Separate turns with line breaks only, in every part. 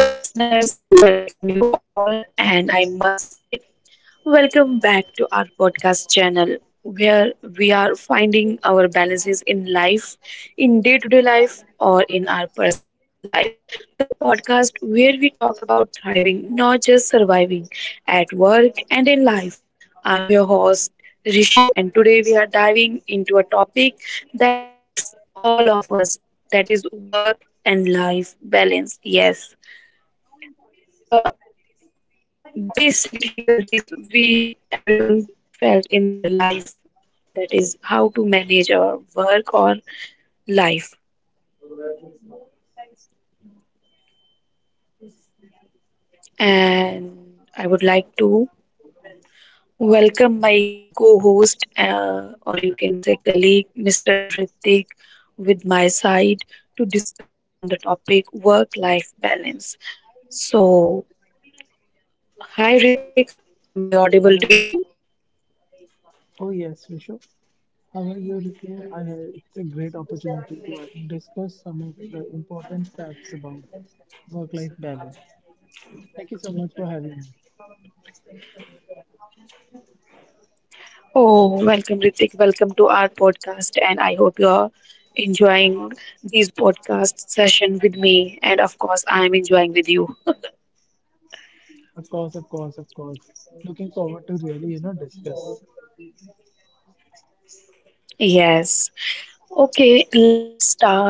Hello, listeners. Welcome you all. And I must say, welcome back to our podcast channel where we are finding our balances in life, in day to day life, or in our personal life. The podcast where we talk about thriving, not just surviving at work and in life. I'm your host, Rishu, and today we are diving into a topic that affects all of us that is work and life balance. Yes. This is the basic difficulties we everyone felt in their life. That is how to manage our work or life. And I would like to welcome my co-host, or you can say colleague, Mr. Ritik, with my side to discuss on the topic work-life balance. So, hi Ritik, am I audible to you?
Hello. Oh yes, Rishu. How are you, Rishu? It's a great opportunity to discuss some of the important facts about work-life balance. Thank you so much for having me.
Oh, welcome, Ritik. Welcome to our podcast, and I hope you're enjoying these podcast session with me. And of course, I'm enjoying with you.
Of course, of course, of course. Looking forward to really, discuss.
Yes. Okay, let's start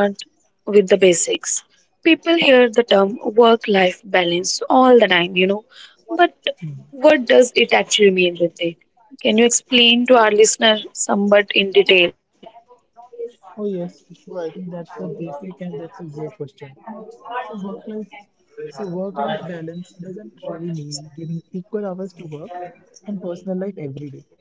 with the basics. People hear the term work-life balance all the time, but
Hmm.
what does it actually mean, Ritik? Can you explain to our listener somewhat in detail?
Oh, yes, sure. I think that's a basic and that's a great question. So work life so work life balance doesn't really mean giving equal hours to work and personal life every day.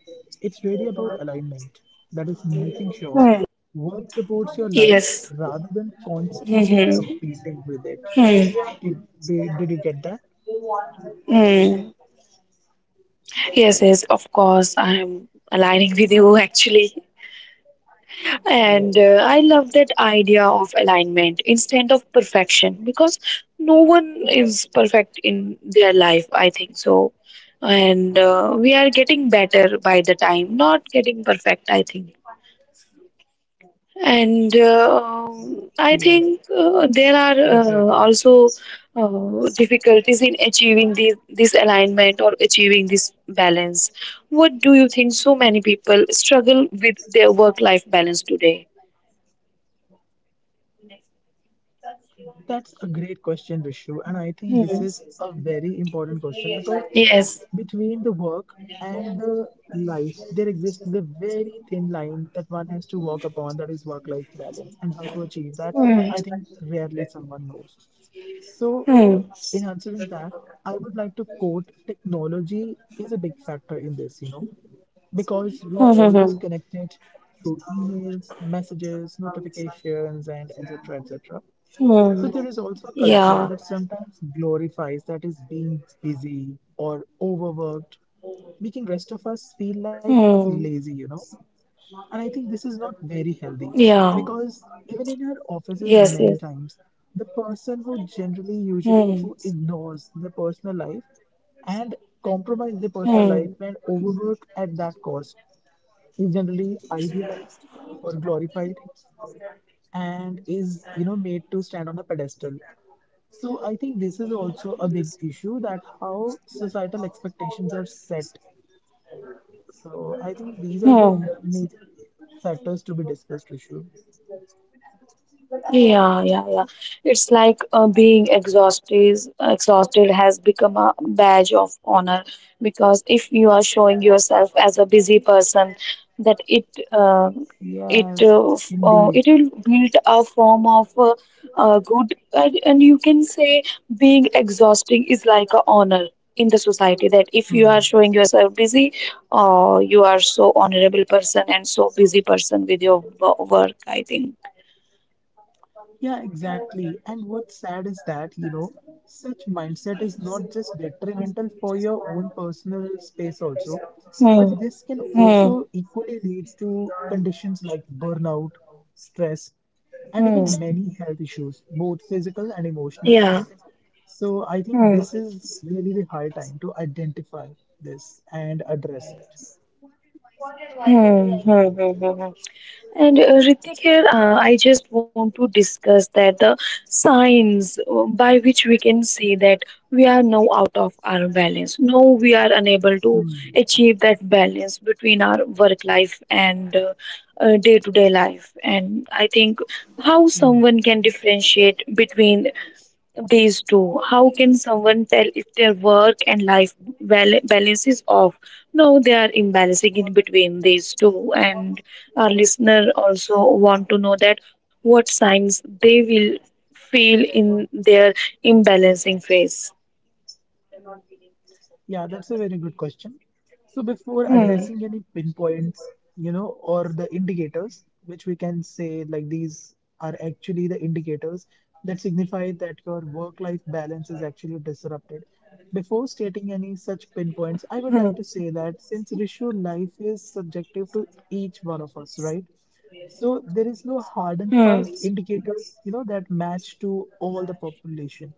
It's really about alignment. That is making sure
Hmm.
work supports your life
Yes.
rather than constantly
Hmm.
competing with it.
Hmm.
Did you get that?
Hmm. Yes, yes, of course. I'm aligning with you actually. And
Yes.
I love that idea of alignment instead of perfection because no one is perfect in their life, I think so. And we are getting better by the time, not getting perfect, I think.
Yes.
And
Definitely.
I think there are also difficulties in achieving this alignment or achieving this balance. What do you think so many people struggle with their work life balance today?
That's a great question, Rishu. And I think this is a very important question because
Hmm.
between the work and
Yes.
the life, there exists a very thin line that one has to walk upon, that is work life balance. And how to achieve that, I think rarely
Hmm.
someone knows. So, in answering
Hmm.
that, I would like to quote, technology is a big factor in this, because we are always
Hmm.
connected
Hmm.
through emails, messages, notifications, and etc. etc.
Hmm.
So, there is
Hmm.
also a culture that
Yeah.
sometimes glorifies that is being busy or overworked, making rest of us feel like lazy, you
Hmm.
know. And I think this is not very healthy
Yeah.
because even in our offices, many
Yes. Yes.
times, the person who generally, usually, who
Hmm.
ignores the personal life and compromise the personal life
Hmm.
and overwork at that cost is generally idealized or glorified and is made to stand on a pedestal. So I think this is also a big issue, that how societal expectations are set. So I think these are
Oh.
the major factors to be discussed, Rishu.
Yeah, yeah, yeah. It's like being exhausted has become a badge of honor because if you are
Yes,
showing
indeed.
yourself as a busy person, that uh, it will build a form of good, and you can say being exhausting is like a honor in the society. That if you
Mm
are showing yourself busy, you are so honorable person and so busy person with your work. I think.
Yeah, exactly. And what's sad is that, you know, such mindset is not just detrimental for your own personal space also, but
嗯
this can also
嗯
equally lead to conditions like burnout, stress, and even
嗯
many health issues, both physical and emotional. So I think this
嗯
is really the high time to identify this and address it.
嗯。And Ritik here, I just want to discuss that the signs by which we can see that we are now out of our balance. No, we are unable to
Hmm.
achieve that balance between our work life and day to day life. And I think
Hmm.
how someone can differentiate between these two. How can someone tell if their work and life balance is off? No, they are imbalancing in between these two. And our listener also want to know that what signs they will feel in their imbalancing phase.
Yeah, that's a very good question. So before addressing any
Hmm.
pinpoints, or the indicators, which we can say like these are actually the indicators that signify that your work-life balance is actually disrupted. Before stating any such
Hmm.
pinpoints, I would like to say that, since Rishu, life is subjective to each one of us, right? So there is no hard and
Hmm.
fast indicators that match to all the population.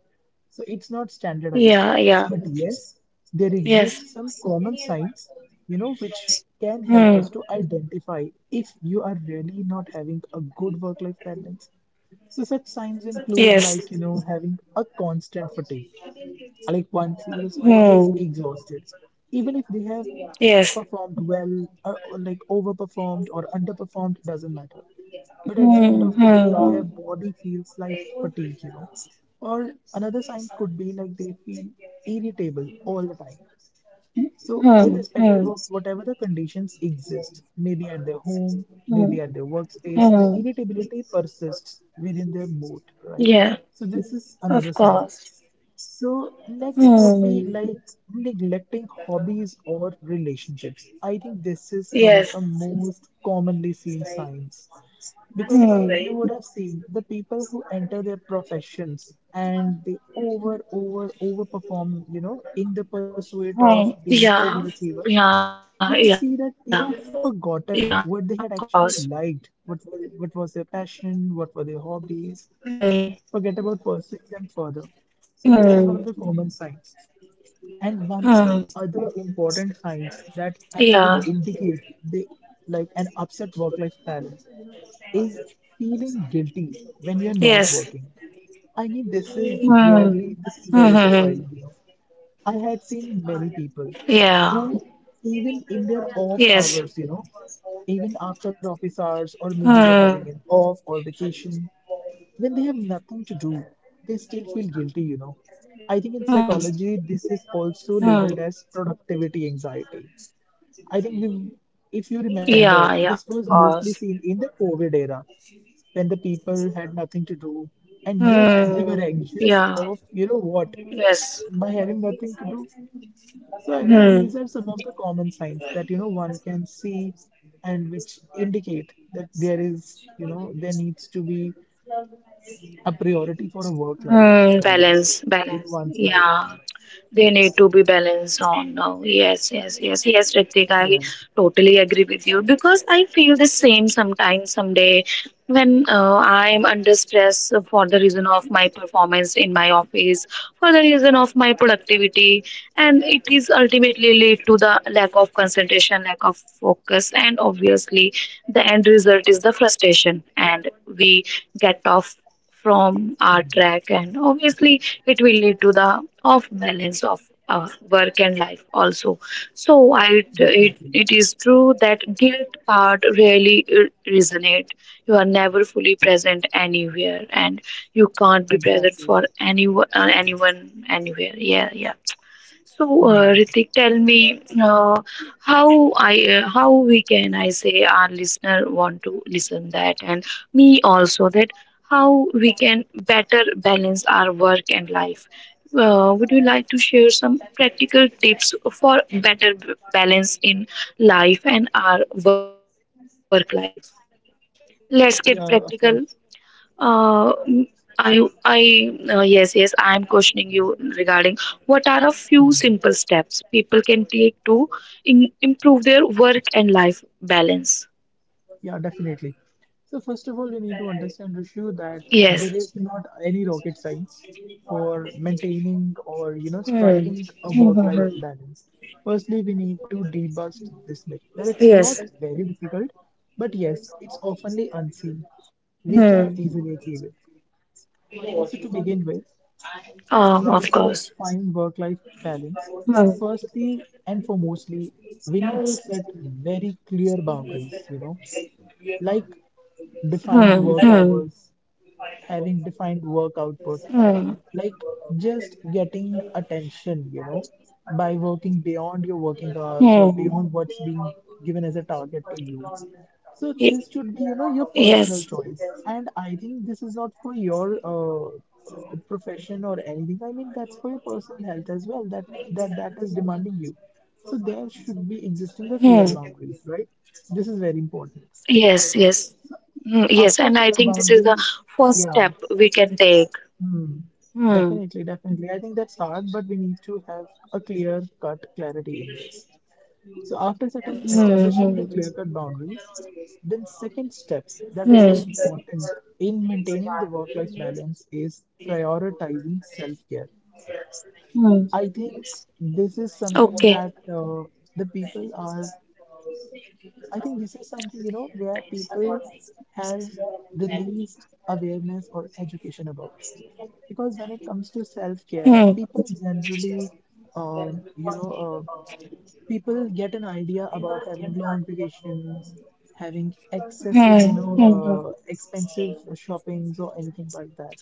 So it's not standardized.
Yeah, yeah.
But yes, there exist
Yes.
some common signs, which can help us
Hmm.
to identify if you are really not having a good work-life balance. So such signs include
Yes.
like, you know, having a constant fatigue, like one feels always
Hmm.
exhausted, even if they have
Yes.
performed well, or like overperformed or underperformed, doesn't matter. But at the end
Hmm.
of the day, their
Hmm.
body feels like fatigue. Or another sign could be like they feel irritable all the time. So,
Hmm.
irrespective
Hmm. Hmm.
of whatever the conditions exist, maybe at their home, maybe
Hmm.
at their workspace, the
Mm,
irritability persists within their mood, right?
yeah,
So, this is
of
another sign.
course.
So, next would be
Hmm.
like neglecting hobbies or relationships. I think this is one of
Yes.
the most commonly seen signs. Because
Hmm.
you would have seen the people who enter their professions and they over perform, you know, in the pursuit of
Hmm.
being
Yeah,
overachievers.
yeah,
You
yeah,
can see that
yeah,
they
of
have
course.
forgotten what they had actually liked, what was their passion,
Hmm.
what were their hobbies, forget about pursuing
Hmm.
them further. So this is one of the common signs.
Hmm.
And one other
Yeah,
important signs that actually indicate the like an upset work-life balance is feeling guilty
yes.
when you're not working. I mean,
Hmm. Hmm. Hmm.
this is
Mm,
very surprising, you know. I had seen many
mm-hmm.
people
Yeah,
who, even in their off
yes.
hours, you know, even after office hours, or maybe they're having an
Hmm.
off or vacation, when they have nothing to do, they still feel guilty, you know. I think in
Hmm.
psychology, this is also
Hmm.
labeled as productivity anxiety. I think we, if you remember,
Yeah,
this
yeah, of
was mostly
course.
seen in the COVID era when the people had nothing to do, and yet they were
Hmm.
anxious
Yeah,
of, you know what,
yes.
by having nothing to do. So, I mean,
Hmm.
these are some of the common signs that, you know, one can see and which indicate that there is, you know, there needs to be a priority for a work-life
Hmm.
balance
Balance,
in
balance.
one's life.
Yeah, they need to be balanced on now. Yes, yes, yes, yes, Ritik, I
Yes,
totally agree with you because I feel the same sometimes, someday when I'm under stress for the reason of my performance in my office, for the reason of my productivity, and it is ultimately lead to the lack of concentration, lack of focus, and obviously the end result is the frustration, and we get off from our track and obviously it will lead to the off balance of work and life also. So I, it,
definitely.
it is true that guilt part really resonate. You are never fully present anywhere and you can't be present
Exactly.
for anyone anywhere. Yeah, yeah. So
Hmm.
Ritik, tell me, how we can I say our listener want to listen that and me also, that how we can better balance our work and life. Would you like to share some practical tips for better balance in life and our work life? Let's get
Yeah, of course.
practical. Uh, yes, yes, I am questioning you regarding what are a few
Hmm.
simple steps people can take to improve their work and life balance.
Yeah, definitely. So first of all, we need to understand, Rishu, that there is not
Yes,
any rocket science for maintaining or you know striking a work-life balance. Firstly, we need to debust this myth that it's not very difficult, but yes, it's oftenly unseen. We can easily achieve it. So to begin with, just
of
try to strike
course.
a fine work-life balance, firstly and foremostly, we need to set very clear boundaries, you know, like defined
Hmm,
work
hmm.
hours, having defined work output,
Hmm.
like just getting attention, you know, by working beyond your working hours or beyond
Hmm.
what's being given as a target to you. So this
Y-
should be, you know, your personal
Yes.
choice. And I think this is not for your profession or anything. I mean, that's for your personal health as well. That is
Hmm.
demanding you. So there should be existing the clear boundaries, right? This is very important.
Yes, yes. Hmm. Yes,
After
and I
clear
think this is the
boundaries,
first step
yeah,
we can take.
hmm,
Hmm.
definitely, definitely. I think that's hard, but we need to have a clear-cut clarity in this. So after setting, establishing the clear-cut boundaries, then second step that is important in maintaining the work-life balance is prioritizing self-care. I think
Okay.
this is something that the people are I think this is something, you know, where people has the least awareness or education about. Because when it comes to self-care, people generally, um, you know, uh, people get an idea about having long vacations, having
Hmm. Hmm.
excessive,
Hmm. Hmm.
expensive shoppings or anything like that.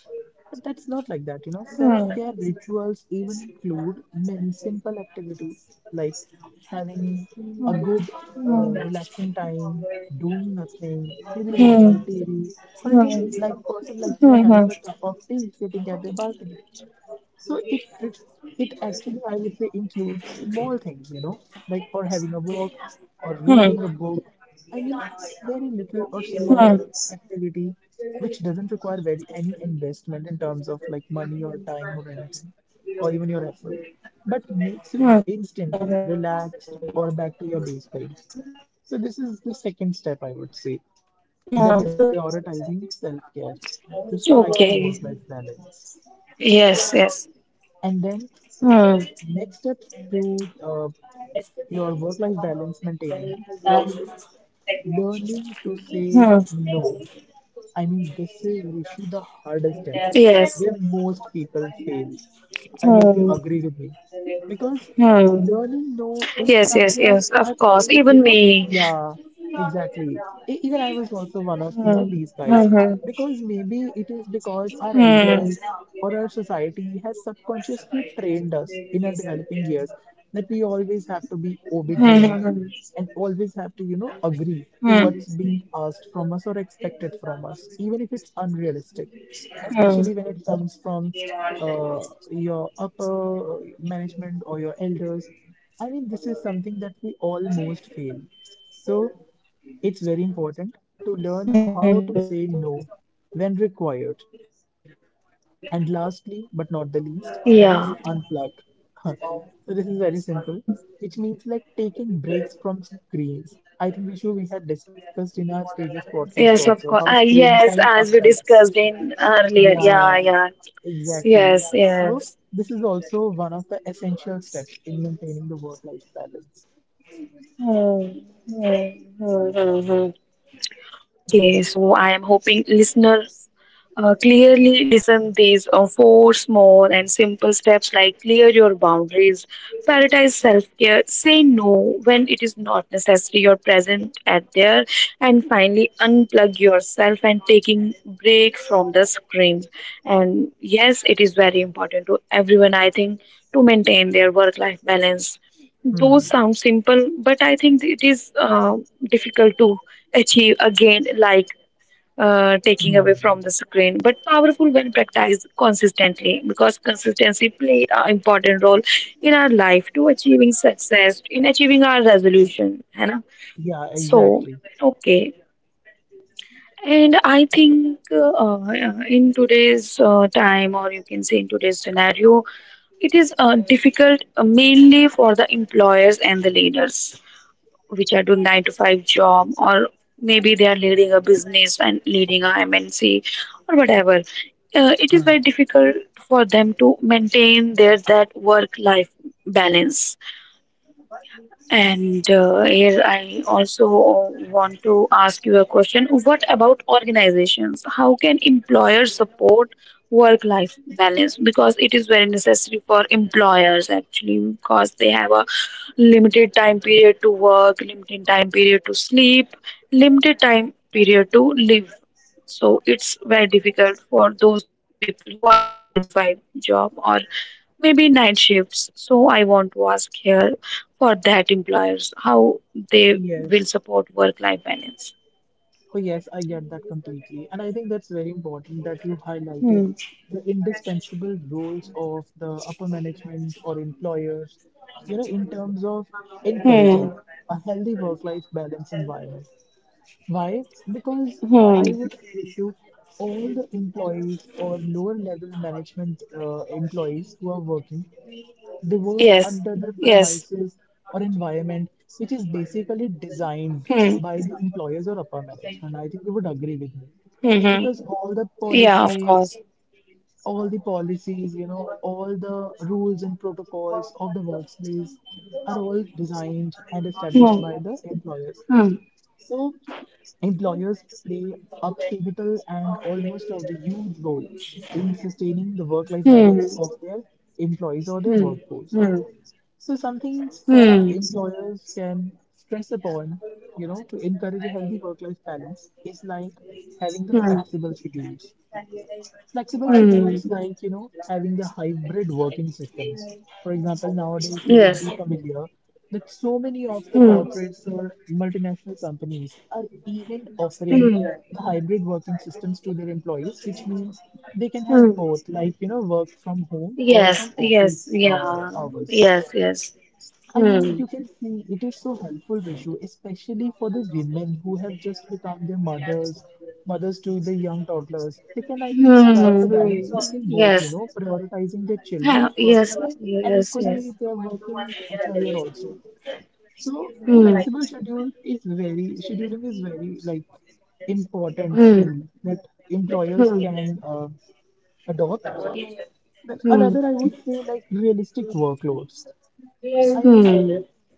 But that's not like that, you know.
Hmm. Hmm.
Self-care rituals even include many simple activities like having a relaxing time, doing nothing, maybe
Hmm.
watching the TV, or even
Hmm.
like person like me having
Hmm.
a cup of tea sitting at a balcony. So it it it actually I would say includes small things, you know, like or having a walk or
Hmm.
reading
Hmm.
a book. I mean, it's very little or small
Hmm. Hmm.
activity which doesn't require very any investment in terms of like money or time or anything or even your effort, but makes you
Hmm,
instantly
hmm.
relaxed or back to your baseline. So this is the second step I would say.
Hmm.
That is prioritizing self-care to strike your
Okay.
work-life balance.
Yes, yes.
And then
Hmm.
next steps to your work life balance maintaining is learning to say no. I mean, this is Rishu the hardest step where most people fail. I hope you
Hmm.
agree with me. Because learning no is
Yes,
somewhere
yes, yes,
a
of
thing,
course.
you know?
Even me.
Yeah, exactly. Even I was also one of, you know, these
Mm.
guys.
Mm-hmm.
Because maybe it is because our elders
Hmm.
or our society has subconsciously trained us in our developing years that we always have to be obedient
Hmm. Hmm.
and
Hmm. Hmm.
always have to, you know, agree to what's being
Hmm.
asked from us or expected from us, even if it's unrealistic, especially when it comes
Hmm. Hmm.
from your upper management or your elders. I mean, this is something that we almost fail. So it's very important to learn
Hmm,
how to
hmm.
say no when required, and lastly, but not the least,
Yeah.
that is unplug. So this is very simple, which means like taking breaks from screens. I think Vishu, we had discussed in our previous podcast
Yes, of
also
course.
how
Ah,
screen
yes,
time
as we
affects.
discussed in earlier.
Yeah,
Yeah, yeah.
exactly.
Yes,
So
yes.
this is also one of the essential steps in maintaining the work-life balance.
Hmm. Hmm. Hmm. Hmm. Hmm. Okay,
Yeah.
so I am hoping listeners clearly listen these four small and simple steps like clear your boundaries, prioritize self-care, say no when it is not necessary, you're present at there, and finally unplug yourself and taking break from the screens. And yes, it is very important to everyone, I think, to maintain their work-life balance. Those
Hmm.
sound simple, but I think it is difficult to achieve again, like taking
Hmm.
away from the screen, but powerful when practiced consistently because consistency play an important role in our life to achieving success, in achieving our resolution. है ना?
Yeah,
So,
exactly.
okay. And I think in today's time, or you can say in today's scenario, it is difficult mainly for the employers and the leaders which are doing 9 to 5 job or maybe they are leading a business and leading a mnc or whatever. It is
Hmm.
very difficult for them to maintain their that work life balance. And here I also want to ask you a question. What about organizations? How can employers support work life balance? Because it is very necessary for employers actually, because they have a limited time period to work, limited time period to sleep, limited time period to live. So it's very difficult for those people who are doing 9 to 5 job or maybe night shifts. So I want to ask here for that employers how they
Yes.
will support work life balance.
Oh, yes, I get that completely. And I think that's very important that you highlighted
Hmm.
the indispensable roles of the upper management or employers, you know, in terms of encouraging a
Hmm.
healthy work-life balance environment. Why? Because I would say,
Hmm.
Rishu, all the employees or lower level management employees who are working. They work under the
Yes.
premises
Yes.
or environment which is basically designed by the
Hmm.
employers or upper management. I think you would agree with me because
Hmm. Yeah, of course.
all the policies, you know, all the rules and protocols of the workplace are all designed and established by the employers.
Hmm.
So
Hmm.
employers play a pivotal and almost a huge role in sustaining the work-life balance of their
Hmm.
employees or their workforce. So some
Hmm.
things that employers
Hmm.
can stress upon, you know, to encourage a healthy work-life balance is like having the flexible
Hmm.
schedules. Flexible schedules like, you know,
Hmm.
having the hybrid working systems. For example, nowadays you would be familiar
Yes.
that so many of the corporates
Hmm.
or multinational companies are even offering
Hmm.
the hybrid working systems to their employees, which means they can have
Hmm.
both, like, you know, work from home or from
Yes. Yes.
office
Yeah.
hours.
Yes. Yes.
I mean,
Hmm.
you can see it is so helpful, Rishu, especially for the women who have just become their mothers, mothers to the young toddlers. They can, I mean, strike a
Hmm.
balance between both, you
Yes.
know, prioritizing their
Yeah,
children,
yes.
personal life, and
Yes.
equally
Yes.
their working career also. So flexible schedule is very, scheduling is very like important tool that employers can adopt. Then
Hmm.
another, I would say, like realistic workloads. I mean,
Hmm.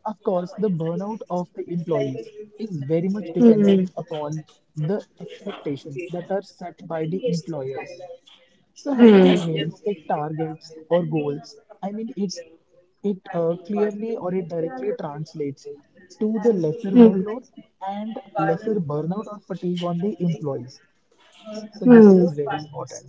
of course, the burnout of the employees is very much dependent upon the expectations that are set by the employers. So having the realistic targets or goals, I mean, it clearly or it directly translates to the lesser workload and lesser burnout or fatigue on the employees. So this is very important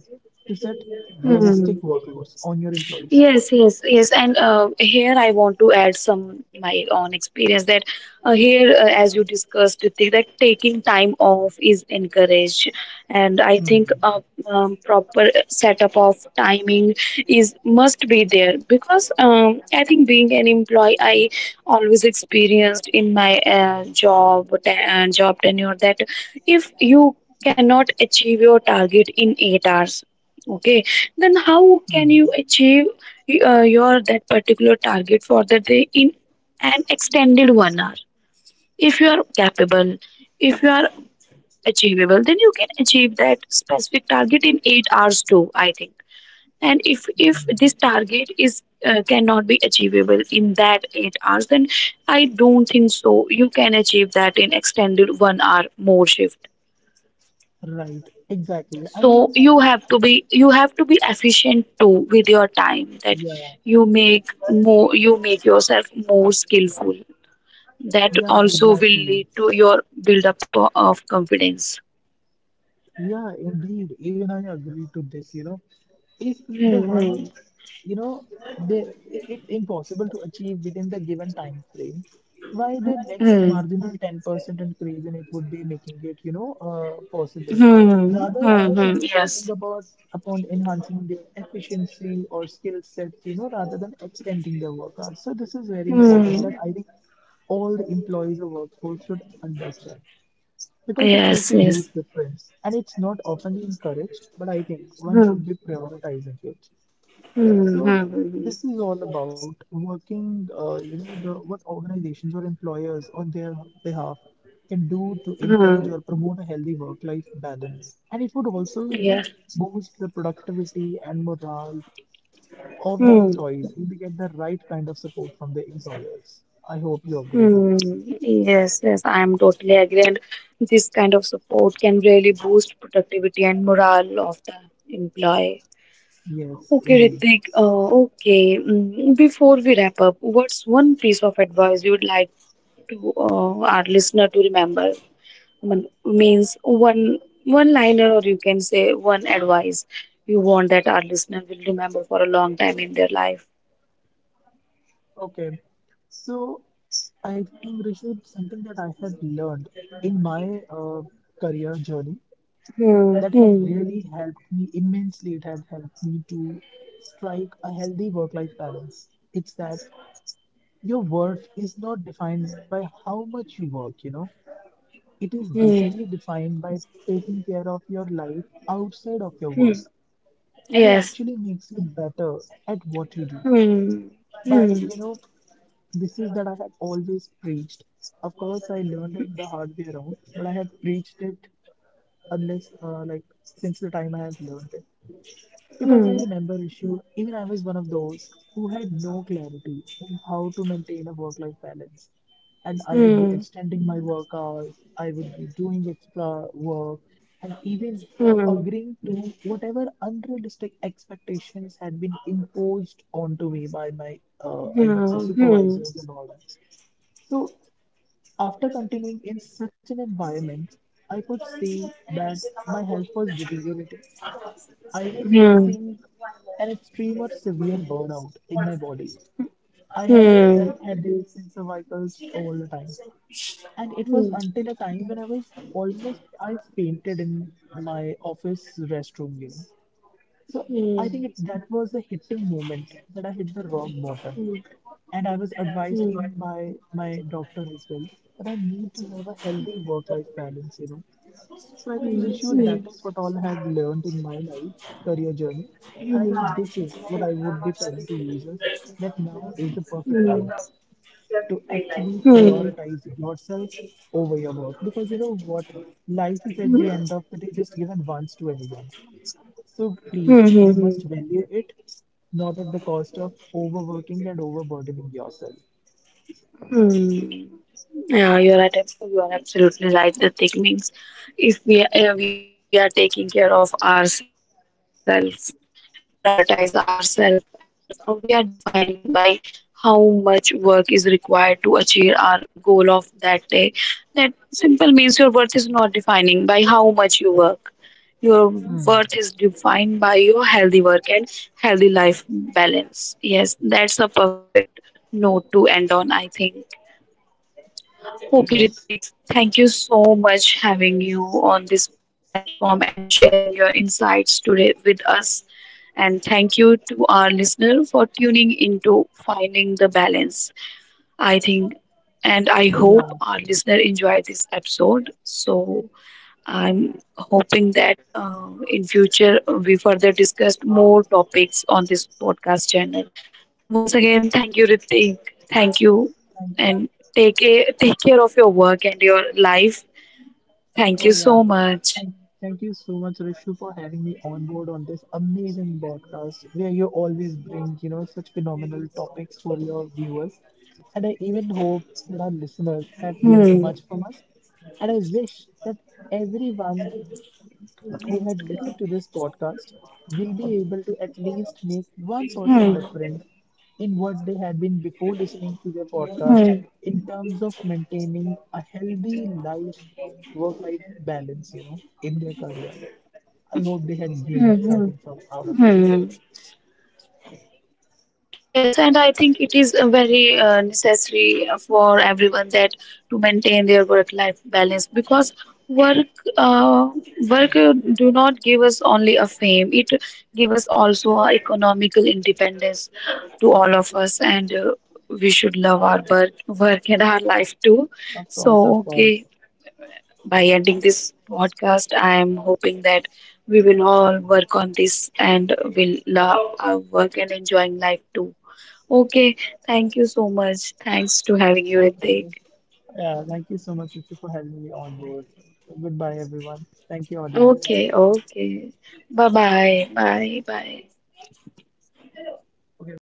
to set realistic workloads on your employees.
Yes, yes, yes. And here I want to add some my own experience that here, as you discussed, Ritik, that taking time off is encouraged, and I think
Hmm.
a proper setup of timing is must be there because I think being an employee, I always experienced in my job tenure that if you cannot achieve your target in 8 hours, okay, then how can
Hmm.
you achieve your that particular target for the day in an extended 1 hour? If you are capable, if you are achievable, then you can achieve that specific target in 8 hours too, I think. And if this target is cannot be achievable in that 8 hours, then I don't think so you can achieve that in extended 1 hour more shift.
Right, exactly. I
So
mean,
you have to be, you have to be efficient too with your time. That
yeah,
you make more, you make yourself more skillful, that
yeah,
also will
exactly.
lead to your build up of confidence.
Yeah, indeed. Even I agree to this, you know. If
Hmm,
the
hmm,
one, you know, they, it's impossible to achieve within the given time frame, why the next marginal 10% increase in it would be making it, you know, possible.
hmm,
Rather,
hmm,
one
hmm,
should be
yes,
working about upon enhancing their efficiency or skill sets, you know, rather than extending their work hours. So this is very important
hmm,
that I think all the employees of workforce should understand because it
yes,
makes a
yes,
huge difference and it's not often encouraged, but I think one
hmm,
should be prioritizing it.
hmm,
So
hmm, hmm,
this is all about working, you know, the what organizations or employers on their behalf can do to
hmm,
encourage or promote a healthy work life balance, and it would also, you know,
yes.
boost the productivity and morale of the
Hmm.
employees if they get the right kind of support from the employers. I hope you agree to
Hmm.
this.
Yes, yes, I am totally agree. And this kind of support can really boost productivity and morale of the employee.
Yes,
Okay,
indeed.
Ritik. Okay, mm, before we wrap up, what's one piece of advice you would like to our listener to remember? Means one liner, or you can say one advice you want that our listener will remember for a long time in their life.
Okay, so I think Rishu, something that I have learned in my career journey that had really helped me immensely. It had helped me to strike a healthy work-life balance. It's that your worth is not defined by how much you work, you know. It is basically
Hmm.
defined by taking care of your life outside of your work,
Hmm.
and it actually
Yes.
makes you better at what you do.
Hmm.
By, you know,
Hmm.
this is that I had always preached. Of course, I learned it the hard way around, but I had preached it unless, like, since the time I have learned it. Because I
Hmm.
remember issue, even I was one of those who had no clarity in how to maintain a work life balance. And I would be
Ừm,
extending my work hours, I would be doing extra work, and even
ừm, ừm,
agreeing to whatever unrealistic expectations had been imposed onto me by my, I would say,
ừm, ừm,
supervisors and all that. So, after continuing in such an environment, I could see that my health was deteriorating. I was
ừm,
facing an extreme or severe burnout in my body. I had like
ừm,
headaches and cervicals all the time. And it was
ừm,
until a time when I was almost I fainted in my office restroom, you know. So I
ừm,
think it, that was a hitting moment that I hit the rock bottom. And I was advised even by my doctor as well that I need to have a healthy work-life balance, you know. So I think Rishu, that is what all I had learned in my life career journey, and I think this is what I would be telling to users that now is the perfect time to actually
ừm,
prioritize yourself over your work, because you know what, life is at the
ừm,
end of the day just given once to anyone. So please,
ừm,
we must
ừm,
value it, not at the cost of overworking and overburdening yourself.
ừm. Yeah, you are absolutely right. The thing means if we are taking care of ourselves, prioritize ourselves, and we are defining by how much work is required to achieve our goal of that day. That simple means your worth is not defining by how much you work. Your
Hmm.
worth is defined by your healthy work and healthy life balance. Yes, that's a perfect note to end on, I think. Okay,
Yes.
Ritik, thank you so much having you on this platform and sharing your insights today with us. And thank you to our listener for tuning into Finding the Balance. I think and I hope
Yeah,
our listener enjoyed this episode. So I'm hoping that in future we further discussed more topics on this podcast channel. Once again, thank you, Ritik. Thank you,
thank.
and take care of your work and your life. Thank
Oh
you
yeah.
so much.
Thank, thank you so much, Rishu, for having me on board on this amazing podcast where you always bring, you know, such phenomenal topics for your viewers. And I even hope that our listeners have gained much
Hmm.
from us. And I wish that everyone who had listened to this podcast will be able to at least make 1%
Hmm.
difference in what they had been before listening to their podcast
Hmm.
in terms of maintaining a healthy life work life balance, you know, in their career. I hope they had gained something
Hmm.
from out of
Hmm.
it.
Hmm. Yes, and I think it is very necessary for everyone that to maintain their work-life balance because work uh, do not give us only a fame; it give us also a economical independence to all of us, and we should love our work, work and our life too.
Of course, of
So,
course.
okay, by ending this podcast, I am hoping that we will all work on this and will love our work and enjoying life too. Okay, thank you so much. Thanks to having you,
Okay,
Ritik.
yeah, thank you so much, Rishi, for having me on board. Goodbye everyone, thank you audience.
Okay, okay. Bye bye. Bye bye.
Okay, bye.